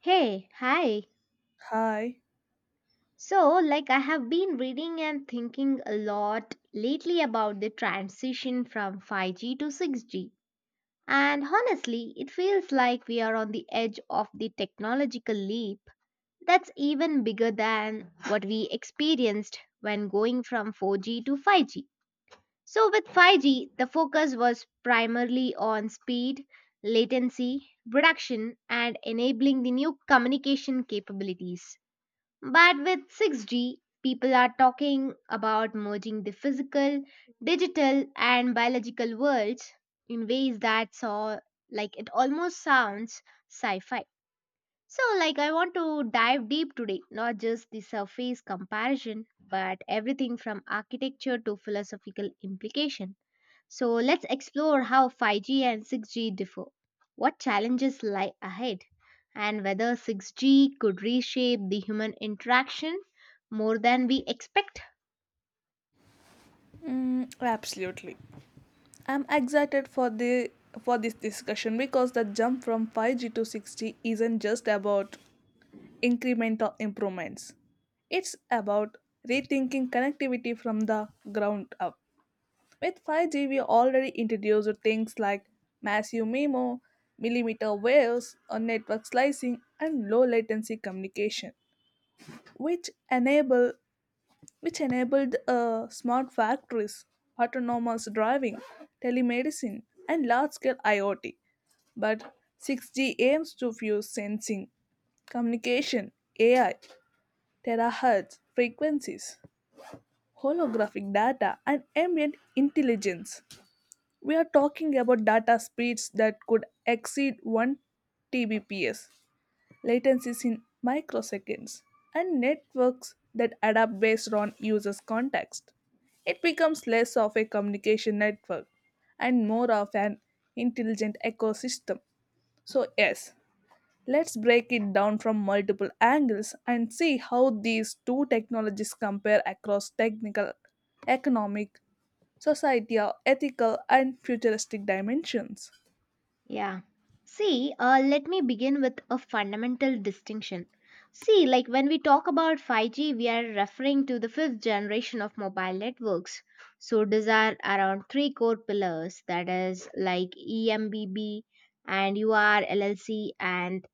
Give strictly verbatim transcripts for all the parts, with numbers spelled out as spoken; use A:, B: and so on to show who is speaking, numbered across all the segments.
A: Hey, hi.
B: Hi.
A: So, like, I have been reading and thinking a lot lately about the transition from five G to six G. And honestly, it feels like we are on the edge of the technological leap that's even bigger than what we experienced when going from four G to five G. So, with five G, the focus was primarily on speed, latency, reduction, and enabling the new communication capabilities. But with six G, people are talking about merging the physical, digital, and biological worlds in ways that saw like it almost sounds sci fi. So, like, I want to dive deep today, not just the surface comparison, but everything from architecture to philosophical implication. So let's explore how five G and six G differ, what challenges lie ahead, and whether six G could reshape the human interaction more than we expect.
B: Mm, absolutely. I'm excited for the for this discussion because the jump from five G to six G isn't just about incremental improvements. It's about rethinking connectivity from the ground up. With five G, we already introduced things like massive MIMO, millimeter waves, or network slicing, and low latency communication, which enable which enabled uh, smart factories, autonomous driving, telemedicine, and large scale I O T. But six G aims to fuse sensing, communication, A I, terahertz frequencies, holographic data, and ambient intelligence. We are talking about data speeds that could exceed one Tbps, latencies in microseconds, and networks that adapt based on users' context. It becomes less of a communication network and more of an intelligent ecosystem. So, yes, let's break it down from multiple angles and see how these two technologies compare across technical, economic, societal, ethical, and futuristic dimensions.
A: Yeah. See, uh, let me begin with a fundamental distinction. See, like when we talk about five G, we are referring to the fifth generation of mobile networks. So, these are around three core pillars that is, like E M B B and U R L L C and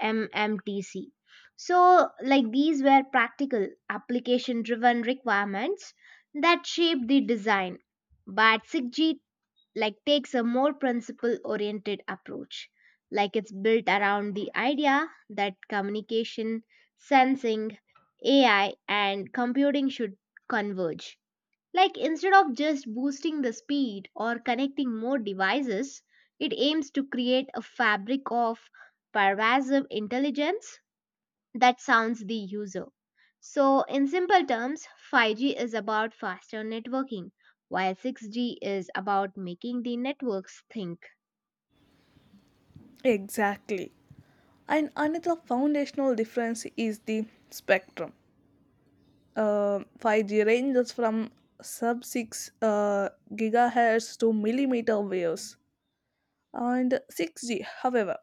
A: M M T C. So, like these were practical, application driven requirements that shaped the design. But SIGGEET like takes a more principle oriented approach. Like it's built around the idea that communication, sensing, A I and computing should converge like instead of just boosting the speed or connecting more devices, it aims to create a fabric of pervasive intelligence that sounds the user. So, in simple terms, five G is about faster networking, while six G is about making the networks think.
B: Exactly. And another foundational difference is the spectrum. Uh, five G ranges from sub six uh, gigahertz to millimeter waves, and six G, however,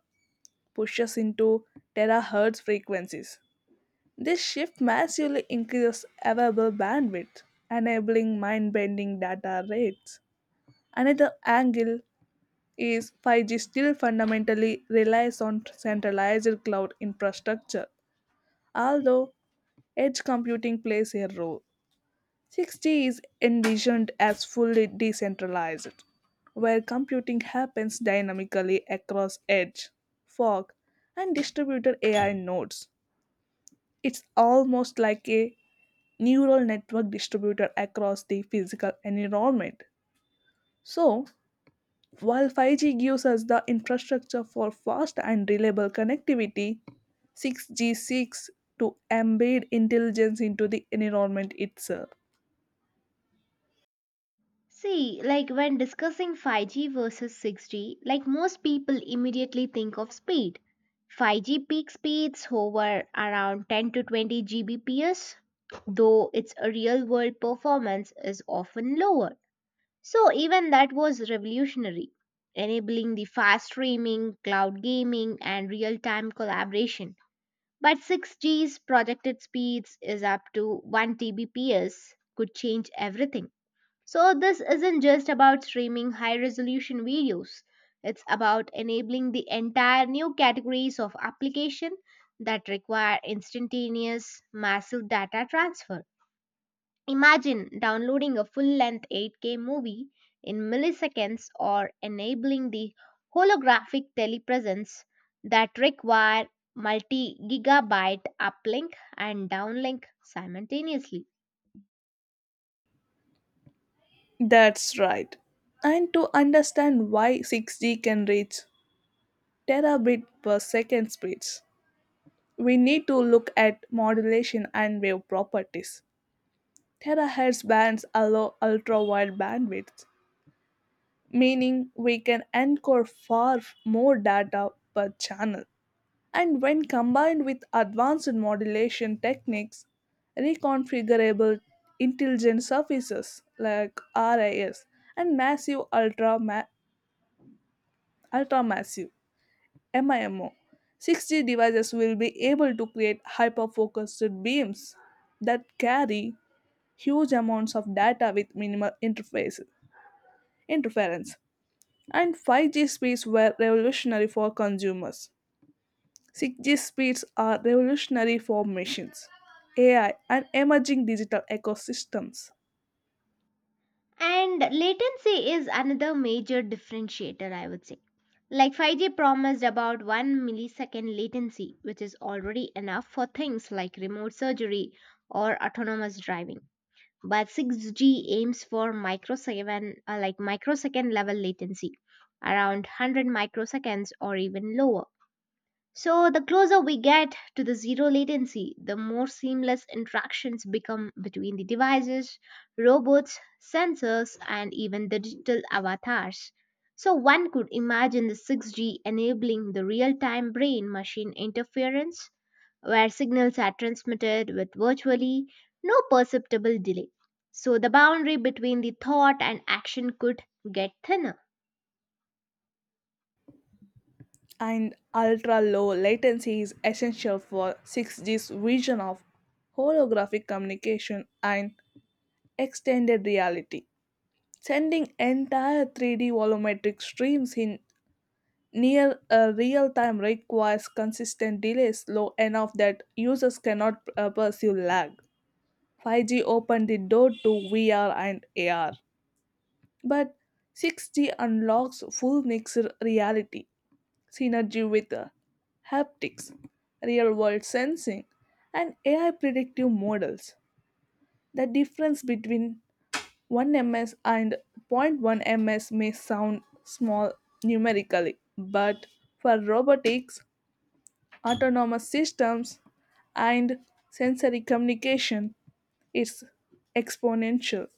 B: pushes into terahertz frequencies. This shift massively increases available bandwidth, enabling mind bending data rates. Another angle is five G still fundamentally relies on centralized cloud infrastructure. Although edge computing plays a role, six G is envisioned as fully decentralized, where computing happens dynamically across edge, fog, and distributed A I nodes. It's almost like a neural network distributed across the physical environment. So, while five G gives us the infrastructure for fast and reliable connectivity, six G seeks to embed intelligence into the environment itself.
A: See, like when discussing five G versus six G, like most people immediately think of speed. five G peak speeds hover around ten to twenty gigabits per second, though its real world performance is often lower. So, even that was revolutionary, enabling the fast streaming, cloud gaming, and real time collaboration. But six G's projected speeds is up to one terabits per second, could change everything so, this isn't just about streaming high resolution videos, it's about enabling the entire new categories of application that require instantaneous massive data transfer. Imagine downloading a full length eight K movie in milliseconds or enabling the holographic telepresence that require multi gigabyte uplink and downlink simultaneously.
B: That's right. And to understand why six G can reach terabit per second speeds, we need to look at modulation and wave properties. Terahertz bands allow ultra wide bandwidth, meaning we can encode far more data per channel. And when combined with advanced modulation techniques, reconfigurable intelligent surfaces like R I S and massive ultra ma- ultramassive MIMO, six G devices will be able to create hyper-focused beams that carry huge amounts of data with minimal interface interference. And five G speeds were revolutionary for consumers, six G speeds are revolutionary for machines, A I, and emerging digital ecosystems.
A: And latency is another major differentiator, I would say. Like five G promised about one millisecond latency, which is already enough for things like remote surgery or autonomous driving. But six G aims for microsecond, uh, like microsecond level latency, around one hundred microseconds or even lower. So, the closer we get to the zero latency, the more seamless interactions become between the devices, robots, sensors, and even the digital avatars. So, one could imagine the six G enabling the real time brain machine interference, where signals are transmitted with virtually no perceptible delay. So, the boundary between the thought and action could get thinner.
B: And ultra low latency is essential for six G's vision of holographic communication and extended reality. Sending entire three D volumetric streams in near uh, real time requires consistent delays low enough that users cannot uh, perceive lag. five G opened the door to V R and A R, but six G unlocks full mixed reality, synergy with uh, haptics, real world sensing, and A I predictive models. The difference between one millisecond and zero point one millisecond may sound small numerically, but for robotics, autonomous systems, and sensory communication, it's exponential.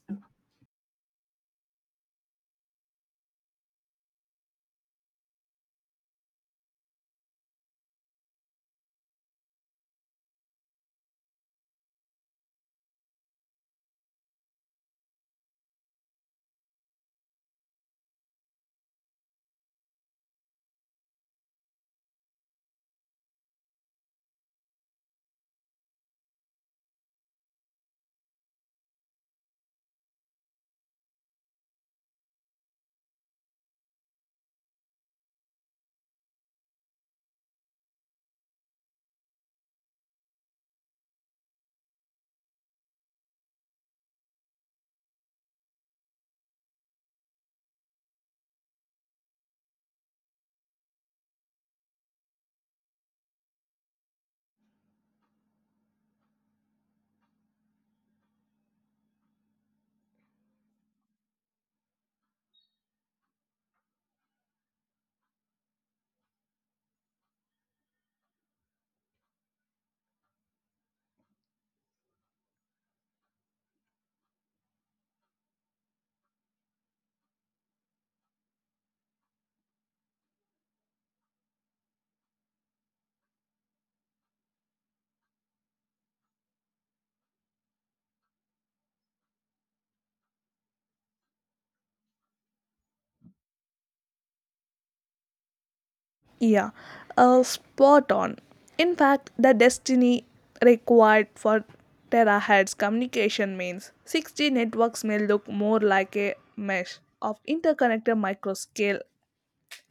B: Yeah, uh, spot on. In fact, the destiny required for terahertz communication means six G networks may look more like a mesh of interconnected microscale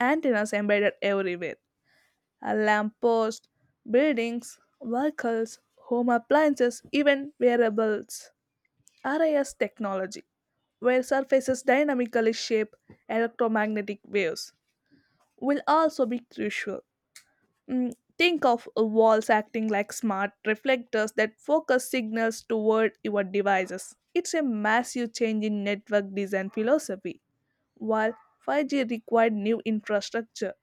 B: antennas embedded everywhere. A lamppost, buildings, vehicles, home appliances, even wearables. R I S technology, where surfaces dynamically shape electromagnetic waves, will also be crucial. Mm, think of uh, walls acting like smart reflectors that focus signals toward your devices. It's a massive change in network design philosophy. While five G required new infrastructure,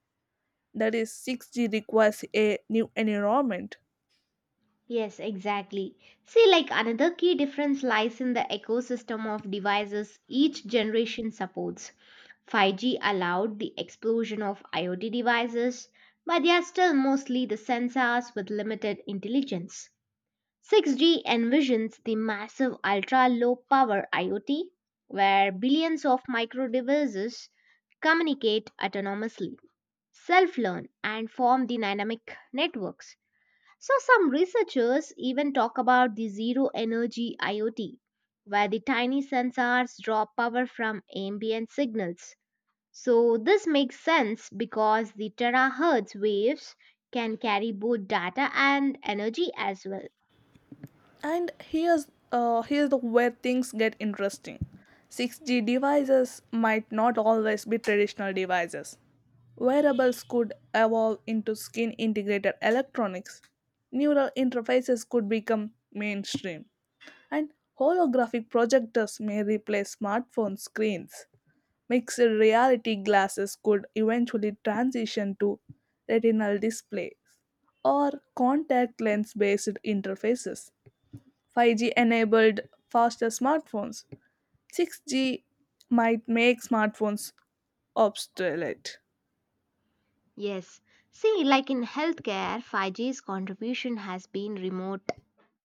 B: that is, six G requires a new environment.
A: Yes, exactly. See, like another key difference lies in the ecosystem of devices each generation supports. five G allowed the explosion of I o T devices, but they are still mostly the sensors with limited intelligence. six G envisions the massive ultra low power I o T, where billions of micro devices communicate autonomously, self learn, and form the dynamic networks. So, some researchers even talk about the zero energy I o T, where the tiny sensors draw power from ambient signals. So, this makes sense because the terahertz waves can carry both data and energy as well.
B: And here's uh, here's the where things get interesting. six G devices might not always be traditional devices. Wearables could evolve into skin integrated electronics. Neural interfaces could become mainstream. And holographic projectors may replace smartphone screens. Mixed reality glasses could eventually transition to retinal displays or contact lens based interfaces. five G enabled faster smartphones. six G might make smartphones obsolete.
A: Yes. See, like in healthcare, five G's contribution has been remote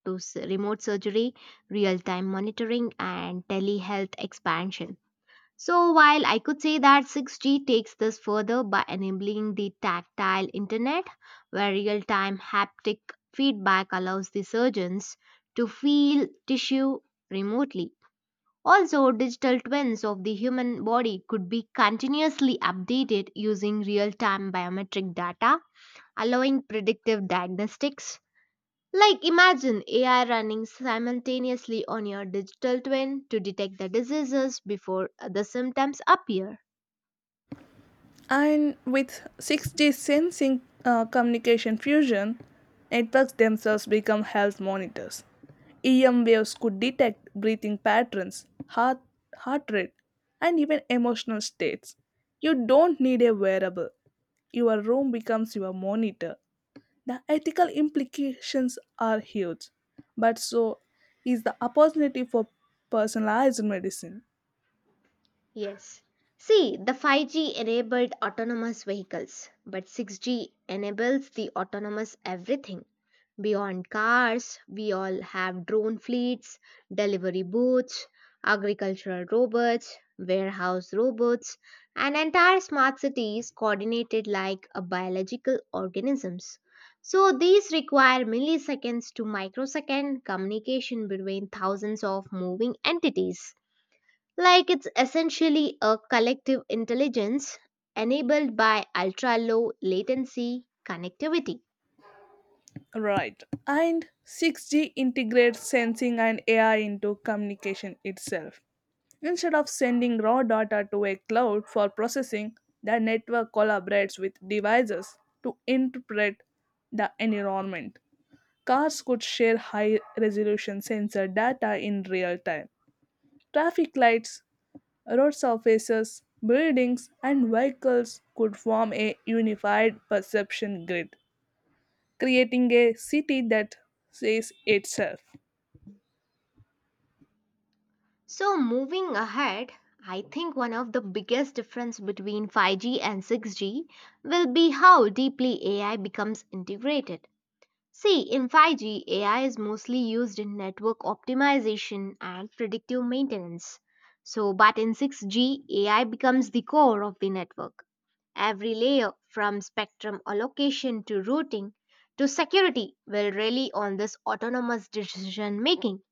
A: to s- remote surgery, real-time monitoring, and telehealth expansion. So, while I could say that six G takes this further by enabling the tactile internet, where real time haptic feedback allows the surgeons to feel tissue remotely. Also, digital twins of the human body could be continuously updated using real time biometric data, allowing predictive diagnostics. Like, imagine A I running simultaneously on your digital twin to detect the diseases before the symptoms appear.
B: And with six G sensing uh, communication fusion, networks themselves become health monitors. E M waves could detect breathing patterns, heart, heart rate, and even emotional states. You don't need a wearable. Your room becomes your monitor. The ethical implications are huge, but so is the opportunity for personalized medicine.
A: Yes. See, the five G enabled autonomous vehicles, but six G enables the autonomous everything. Beyond cars, we all have drone fleets, delivery booths, agricultural robots, warehouse robots, and entire smart cities coordinated like a biological organisms. So these require milliseconds to microsecond communication between thousands of moving entities. Like it's essentially a collective intelligence enabled by ultra low latency connectivity.
B: Right. And six G integrates sensing and A I into communication itself. Instead of sending raw data to a cloud for processing, the network collaborates with devices to interpret the environment. Cars could share high resolution sensor data in real time. Traffic lights, road surfaces, buildings, and vehicles could form a unified perception grid, creating a city that says itself.
A: So, moving ahead, I think one of the biggest difference between five G and six G will be how deeply A I becomes integrated. See, in five G, A I is mostly used in network optimization and predictive maintenance. So, but in six G, A I becomes the core of the network. Every layer from spectrum allocation to routing to security will rely on this autonomous decision making.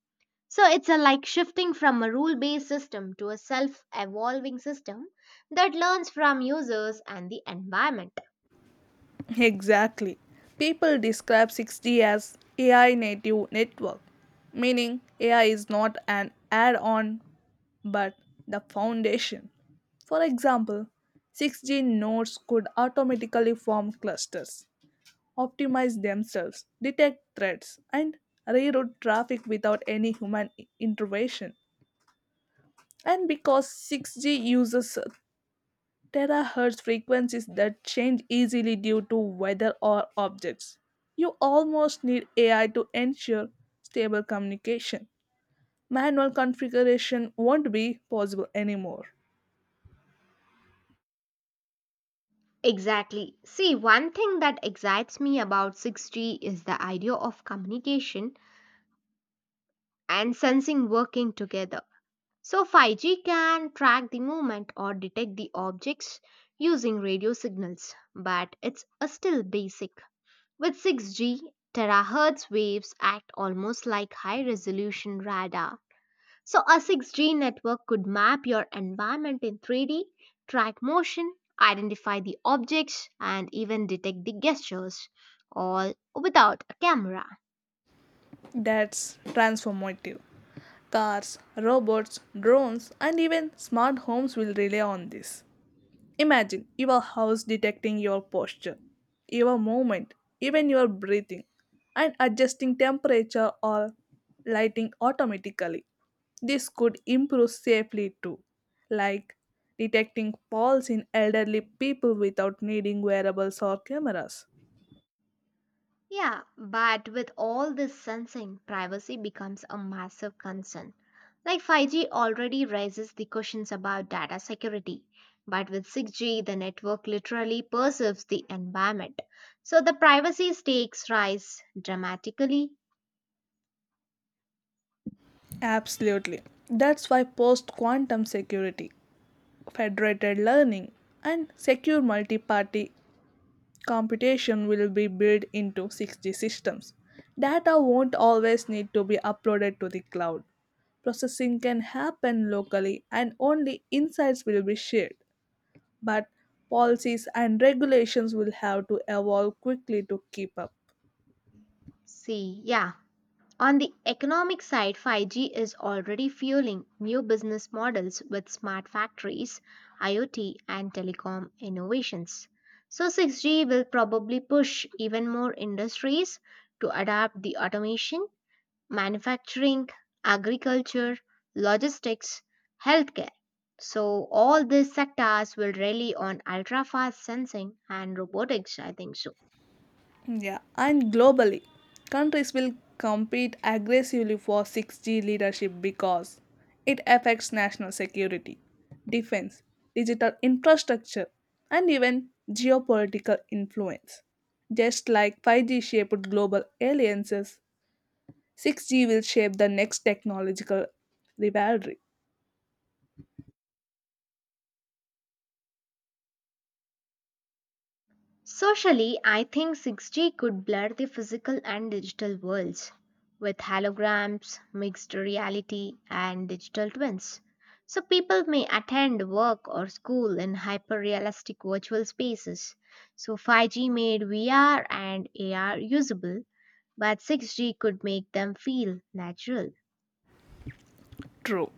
A: So it's a like shifting from a rule based system to a self evolving system that learns from users and the environment.
B: Exactly. People describe six G as A I native network, meaning A I is not an add on but the foundation. For example, six G nodes could automatically form clusters, optimize themselves, detect threats, and reroute traffic without any human i- intervention. And because six G uses terahertz frequencies that change easily due to weather or objects, you almost need A I to ensure stable communication. Manual configuration won't be possible anymore.
A: Exactly. See, one thing that excites me about six G is the idea of communication and sensing working together. So five G can track the movement or detect the objects using radio signals, but it's uh, still basic. With six G, terahertz waves act almost like high resolution radar. So a six G network could map your environment in three D, track motion, identify the objects, and even detect the gestures, all without a camera.
B: That's transformative. Cars, robots, drones, and even smart homes will rely on this. Imagine your house detecting your posture, your movement, even your breathing, and adjusting temperature or lighting automatically. This could improve safely too, like detecting falls in elderly people without needing wearables or cameras.
A: Yeah, but with all this sensing, privacy becomes a massive concern. Like five G already raises the questions about data security, but with six G, the network literally perceives the environment. So the privacy stakes rise dramatically.
B: Absolutely. That's why post quantum security, federated learning, and secure multi party computation will be built into six G systems. Data won't always need to be uploaded to the cloud. Processing can happen locally and only insights will be shared. But policies and regulations will have to evolve quickly to keep up.
A: See, yeah. On the economic side, five G is already fueling new business models with smart factories, I o T, and telecom innovations. So, six G will probably push even more industries to adapt the automation, manufacturing, agriculture, logistics, healthcare. So, all these sectors will rely on ultra fast sensing and robotics, I think so.
B: Yeah, and globally, countries will compete aggressively for six G leadership because it affects national security, defense, digital infrastructure, and even geopolitical influence. Just like five G shaped global alliances, six G will shape the next technological rivalry.
A: Socially, I think six G could blur the physical and digital worlds with holograms, mixed reality, and digital twins. So, people may attend work or school in hyper realistic virtual spaces. So, five G made V R and A R usable, but six G could make them feel natural.
B: True.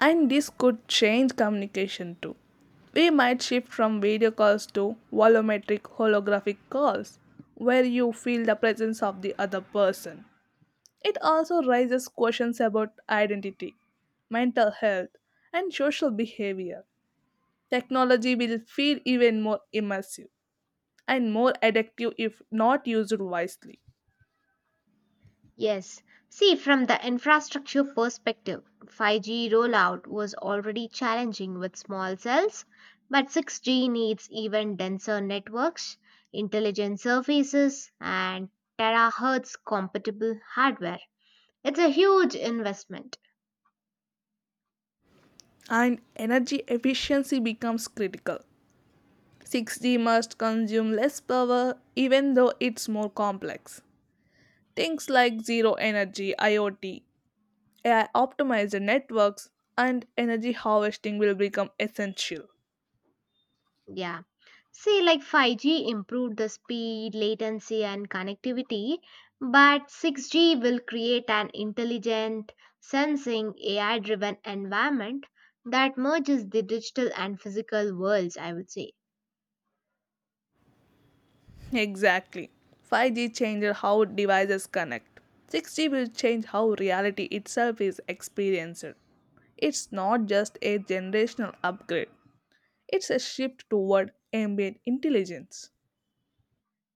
B: And this could change communication too. We might shift from video calls to volumetric holographic calls, where you feel the presence of the other person. It also raises questions about identity, mental health, and social behavior. Technology will feel even more immersive and more addictive if not used wisely.
A: Yes. See, from the infrastructure perspective, five G rollout was already challenging with small cells, but six G needs even denser networks, intelligent surfaces, and terahertz compatible hardware. It's a huge investment.
B: And energy efficiency becomes critical. six G must consume less power even though it's more complex. Things like zero energy, I O T, A I optimized networks, and energy harvesting will become essential.
A: Yeah. See, like five G improved the speed, latency, and connectivity, but six G will create an intelligent, sensing, A I driven environment that merges the digital and physical worlds, I would say.
B: Exactly. five G changes how devices connect. six G will change how reality itself is experienced. It's not just a generational upgrade, it's a shift toward ambient intelligence.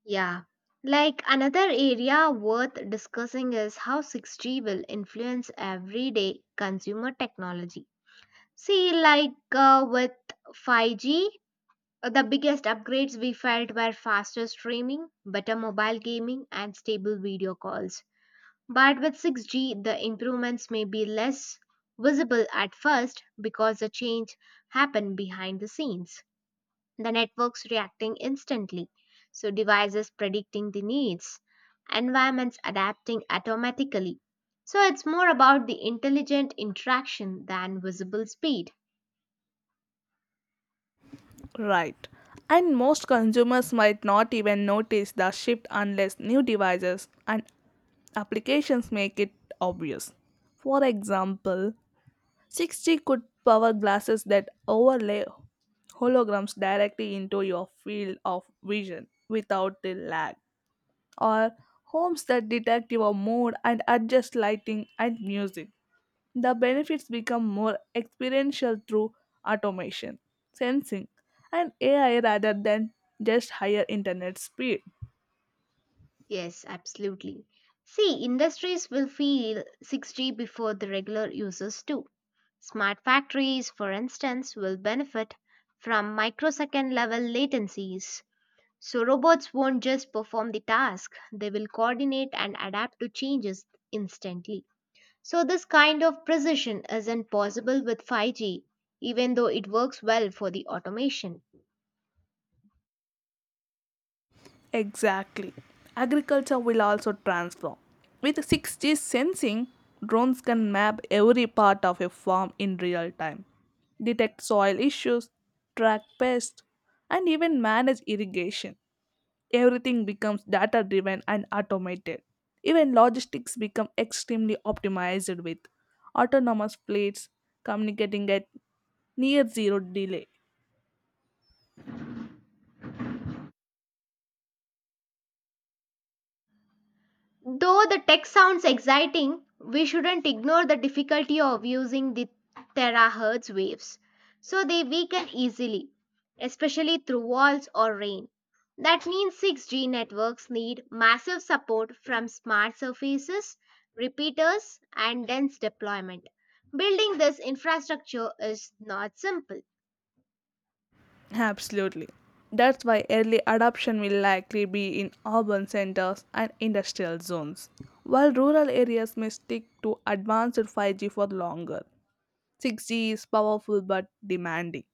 A: Yeah. Like another area worth discussing is how six G will influence everyday consumer technology. See, like uh, with five G, Uh, the biggest upgrades we felt were faster streaming, better mobile gaming, and stable video calls. But with six G, the improvements may be less visible at first because the change happened behind the scenes. The networks reacting instantly, so devices predicting the needs, environments adapting automatically. So it's more about the intelligent interaction than visible speed.
B: Right. And most consumers might not even notice the shift unless new devices and applications make it obvious. For example, six G could power glasses that overlay holograms directly into your field of vision without the lag, or homes that detect your mood and adjust lighting and music. The benefits become more experiential through automation, sensing, and A I rather than just higher internet speed.
A: Yes, absolutely. See, industries will feel six G before the regular users do. Smart factories, for instance, will benefit from microsecond level latencies. So, robots won't just perform the task, they will coordinate and adapt to changes instantly. So, this kind of precision isn't possible with five G, even though it works well for the automation.
B: Exactly. Agriculture will also transform. With six G sensing, drones can map every part of a farm in real time, detect soil issues, track pests, and even manage irrigation. Everything becomes data driven and automated. Even logistics become extremely optimized with autonomous plates communicating at near zero delay.
A: Though the tech sounds exciting, we shouldn't ignore the difficulty of using the terahertz waves. So they weaken easily, especially through walls or rain. That means six G networks need massive support from smart surfaces, repeaters, and dense deployment. Building this infrastructure is not simple.
B: Absolutely. That's why early adoption will likely be in urban centers and industrial zones, while rural areas may stick to advanced five G for longer. six G is powerful but demanding.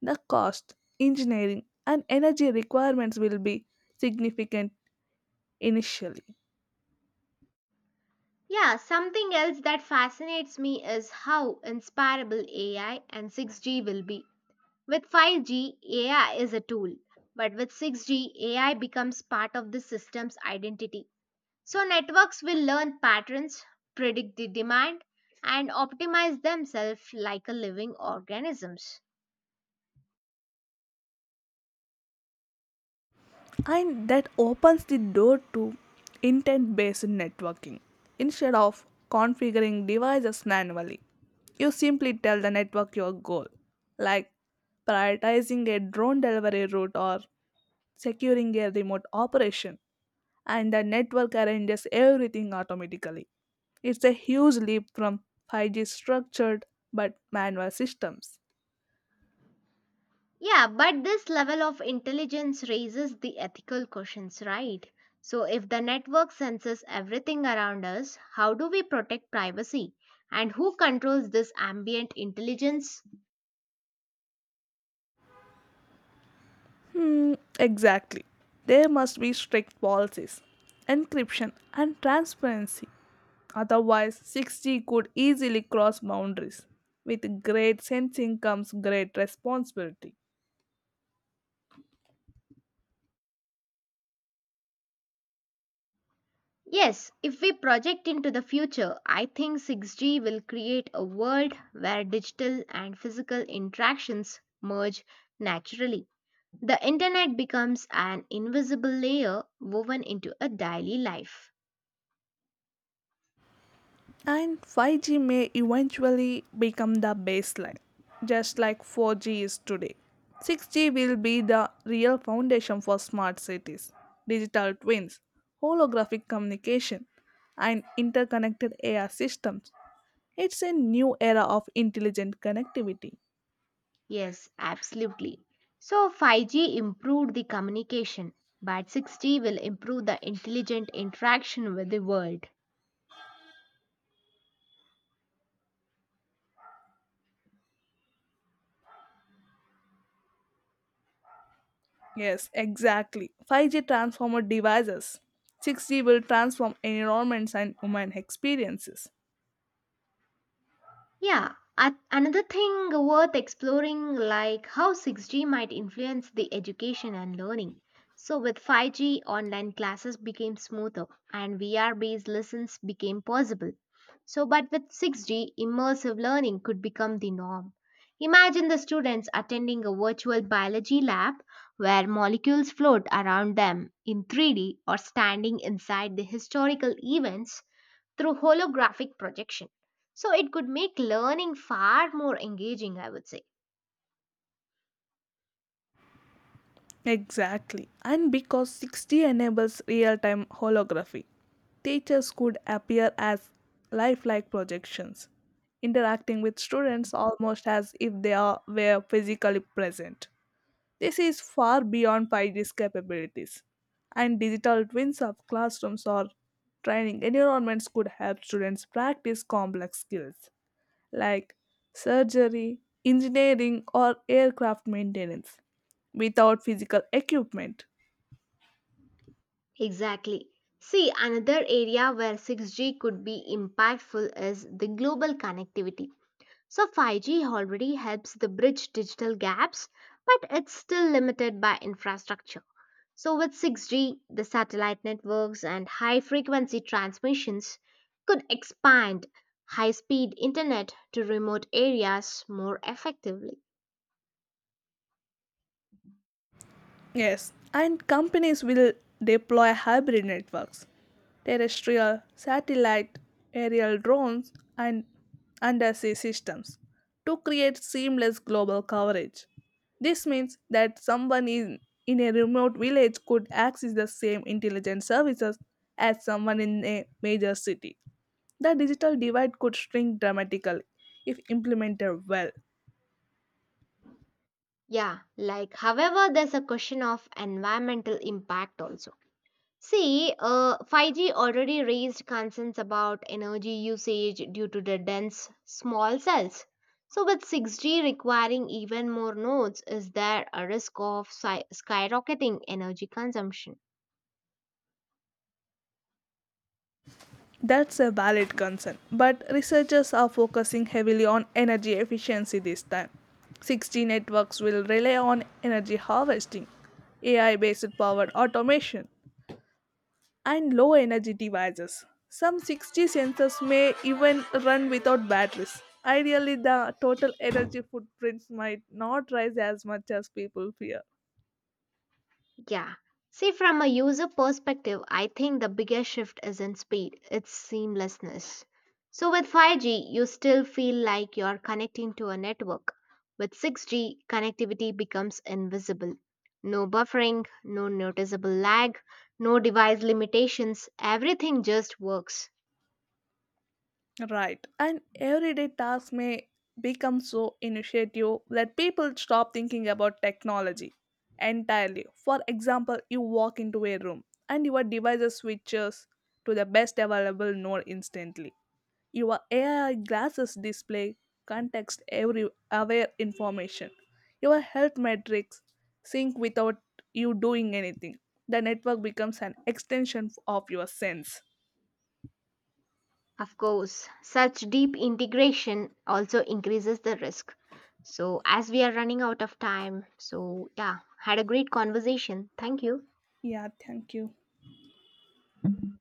B: The cost, engineering, and energy requirements will be significant initially,
A: Yeah, something else that fascinates me is how inspirable A I and six G will be. With five G, A I is a tool, but with six G, A I becomes part of the system's identity. So, networks will learn patterns, predict the demand, and optimize themselves like a living organisms.
B: and that opens the door to intent based networking. Instead of configuring devices manually, you simply tell the network your goal, like prioritizing a drone delivery route or securing a remote operation, and the network arranges everything automatically. It's a huge leap from five G structured but manual systems.
A: Yeah, but this level of intelligence raises the ethical questions, right? So, if the network senses everything around us, how do we protect privacy? And who controls this ambient intelligence?
B: Hmm, exactly. There must be strict policies, encryption, and transparency. Otherwise, six G could easily cross boundaries. With great sensing comes great responsibility.
A: Yes, if we project into the future, I think six G will create a world where digital and physical interactions merge naturally. The internet becomes an invisible layer woven into a daily life.
B: And five G may eventually become the baseline, just like four G is today. six G will be the real foundation for smart cities, digital twins, holographic communication, and interconnected A R systems. It's a new era of intelligent connectivity.
A: Yes, absolutely. So five G improved the communication, but six G will improve the intelligent interaction with the world.
B: Yes, exactly. five G transformer devices. six G will transform environments and human experiences.
A: Yeah, at another thing worth exploring like how six G might influence the education and learning. So with five G online classes became smoother and V R based lessons became possible. So but with six G immersive learning could become the norm. Imagine the students attending a virtual biology lab where molecules float around them in three D or standing inside the historical events through holographic projection. So it could make learning far more engaging, I would say.
B: Exactly. And because six G enables real time holography, teachers could appear as lifelike projections, interacting with students almost as if they are, were physically present. This is far beyond five G's capabilities, and digital twins of classrooms or training environments could help students practice complex skills like surgery, engineering, or aircraft maintenance without physical equipment.
A: Exactly. See, another area where six G could be impactful is the global connectivity. So five G already helps the bridge digital gaps, but it's still limited by infrastructure. So with six G, the satellite networks and high frequency transmissions could expand high speed internet to remote areas more effectively.
B: Yes, and companies will deploy hybrid networks, terrestrial, satellite, aerial drones, and undersea systems to create seamless global coverage. This means that someone in, in a remote village could access the same intelligence services as someone in a major city. The digital divide could shrink dramatically if implemented well.
A: Yeah, like however, there's a question of environmental impact also. See, uh, five G already raised concerns about energy usage due to the dense small cells. So, with six G requiring even more nodes, is there a risk of sky- skyrocketing energy consumption?
B: That's a valid concern, but researchers are focusing heavily on energy efficiency this time. six G networks will rely on energy harvesting, A I based power automation, and low energy devices. Some six G sensors may even run without batteries. Ideally, the total energy footprint might not rise as much as people fear.
A: Yeah. See, from a user perspective, I think the biggest shift is in speed, it's seamlessness. So, with five G, you still feel like you're connecting to a network. With six G, connectivity becomes invisible. No buffering, no noticeable lag, no device limitations, everything just works.
B: Right. And everyday tasks may become so initiative that people stop thinking about technology entirely. For example, you walk into a room and your device switches to the best available node instantly. Your A I glasses display context every aware information. Your health metrics sync without you doing anything. The network becomes an extension of your sense.
A: Of course, such deep integration also increases the risk. So, as we are running out of time, so yeah, had a great conversation. Thank you.
B: Yeah, thank you.
A: Mhm.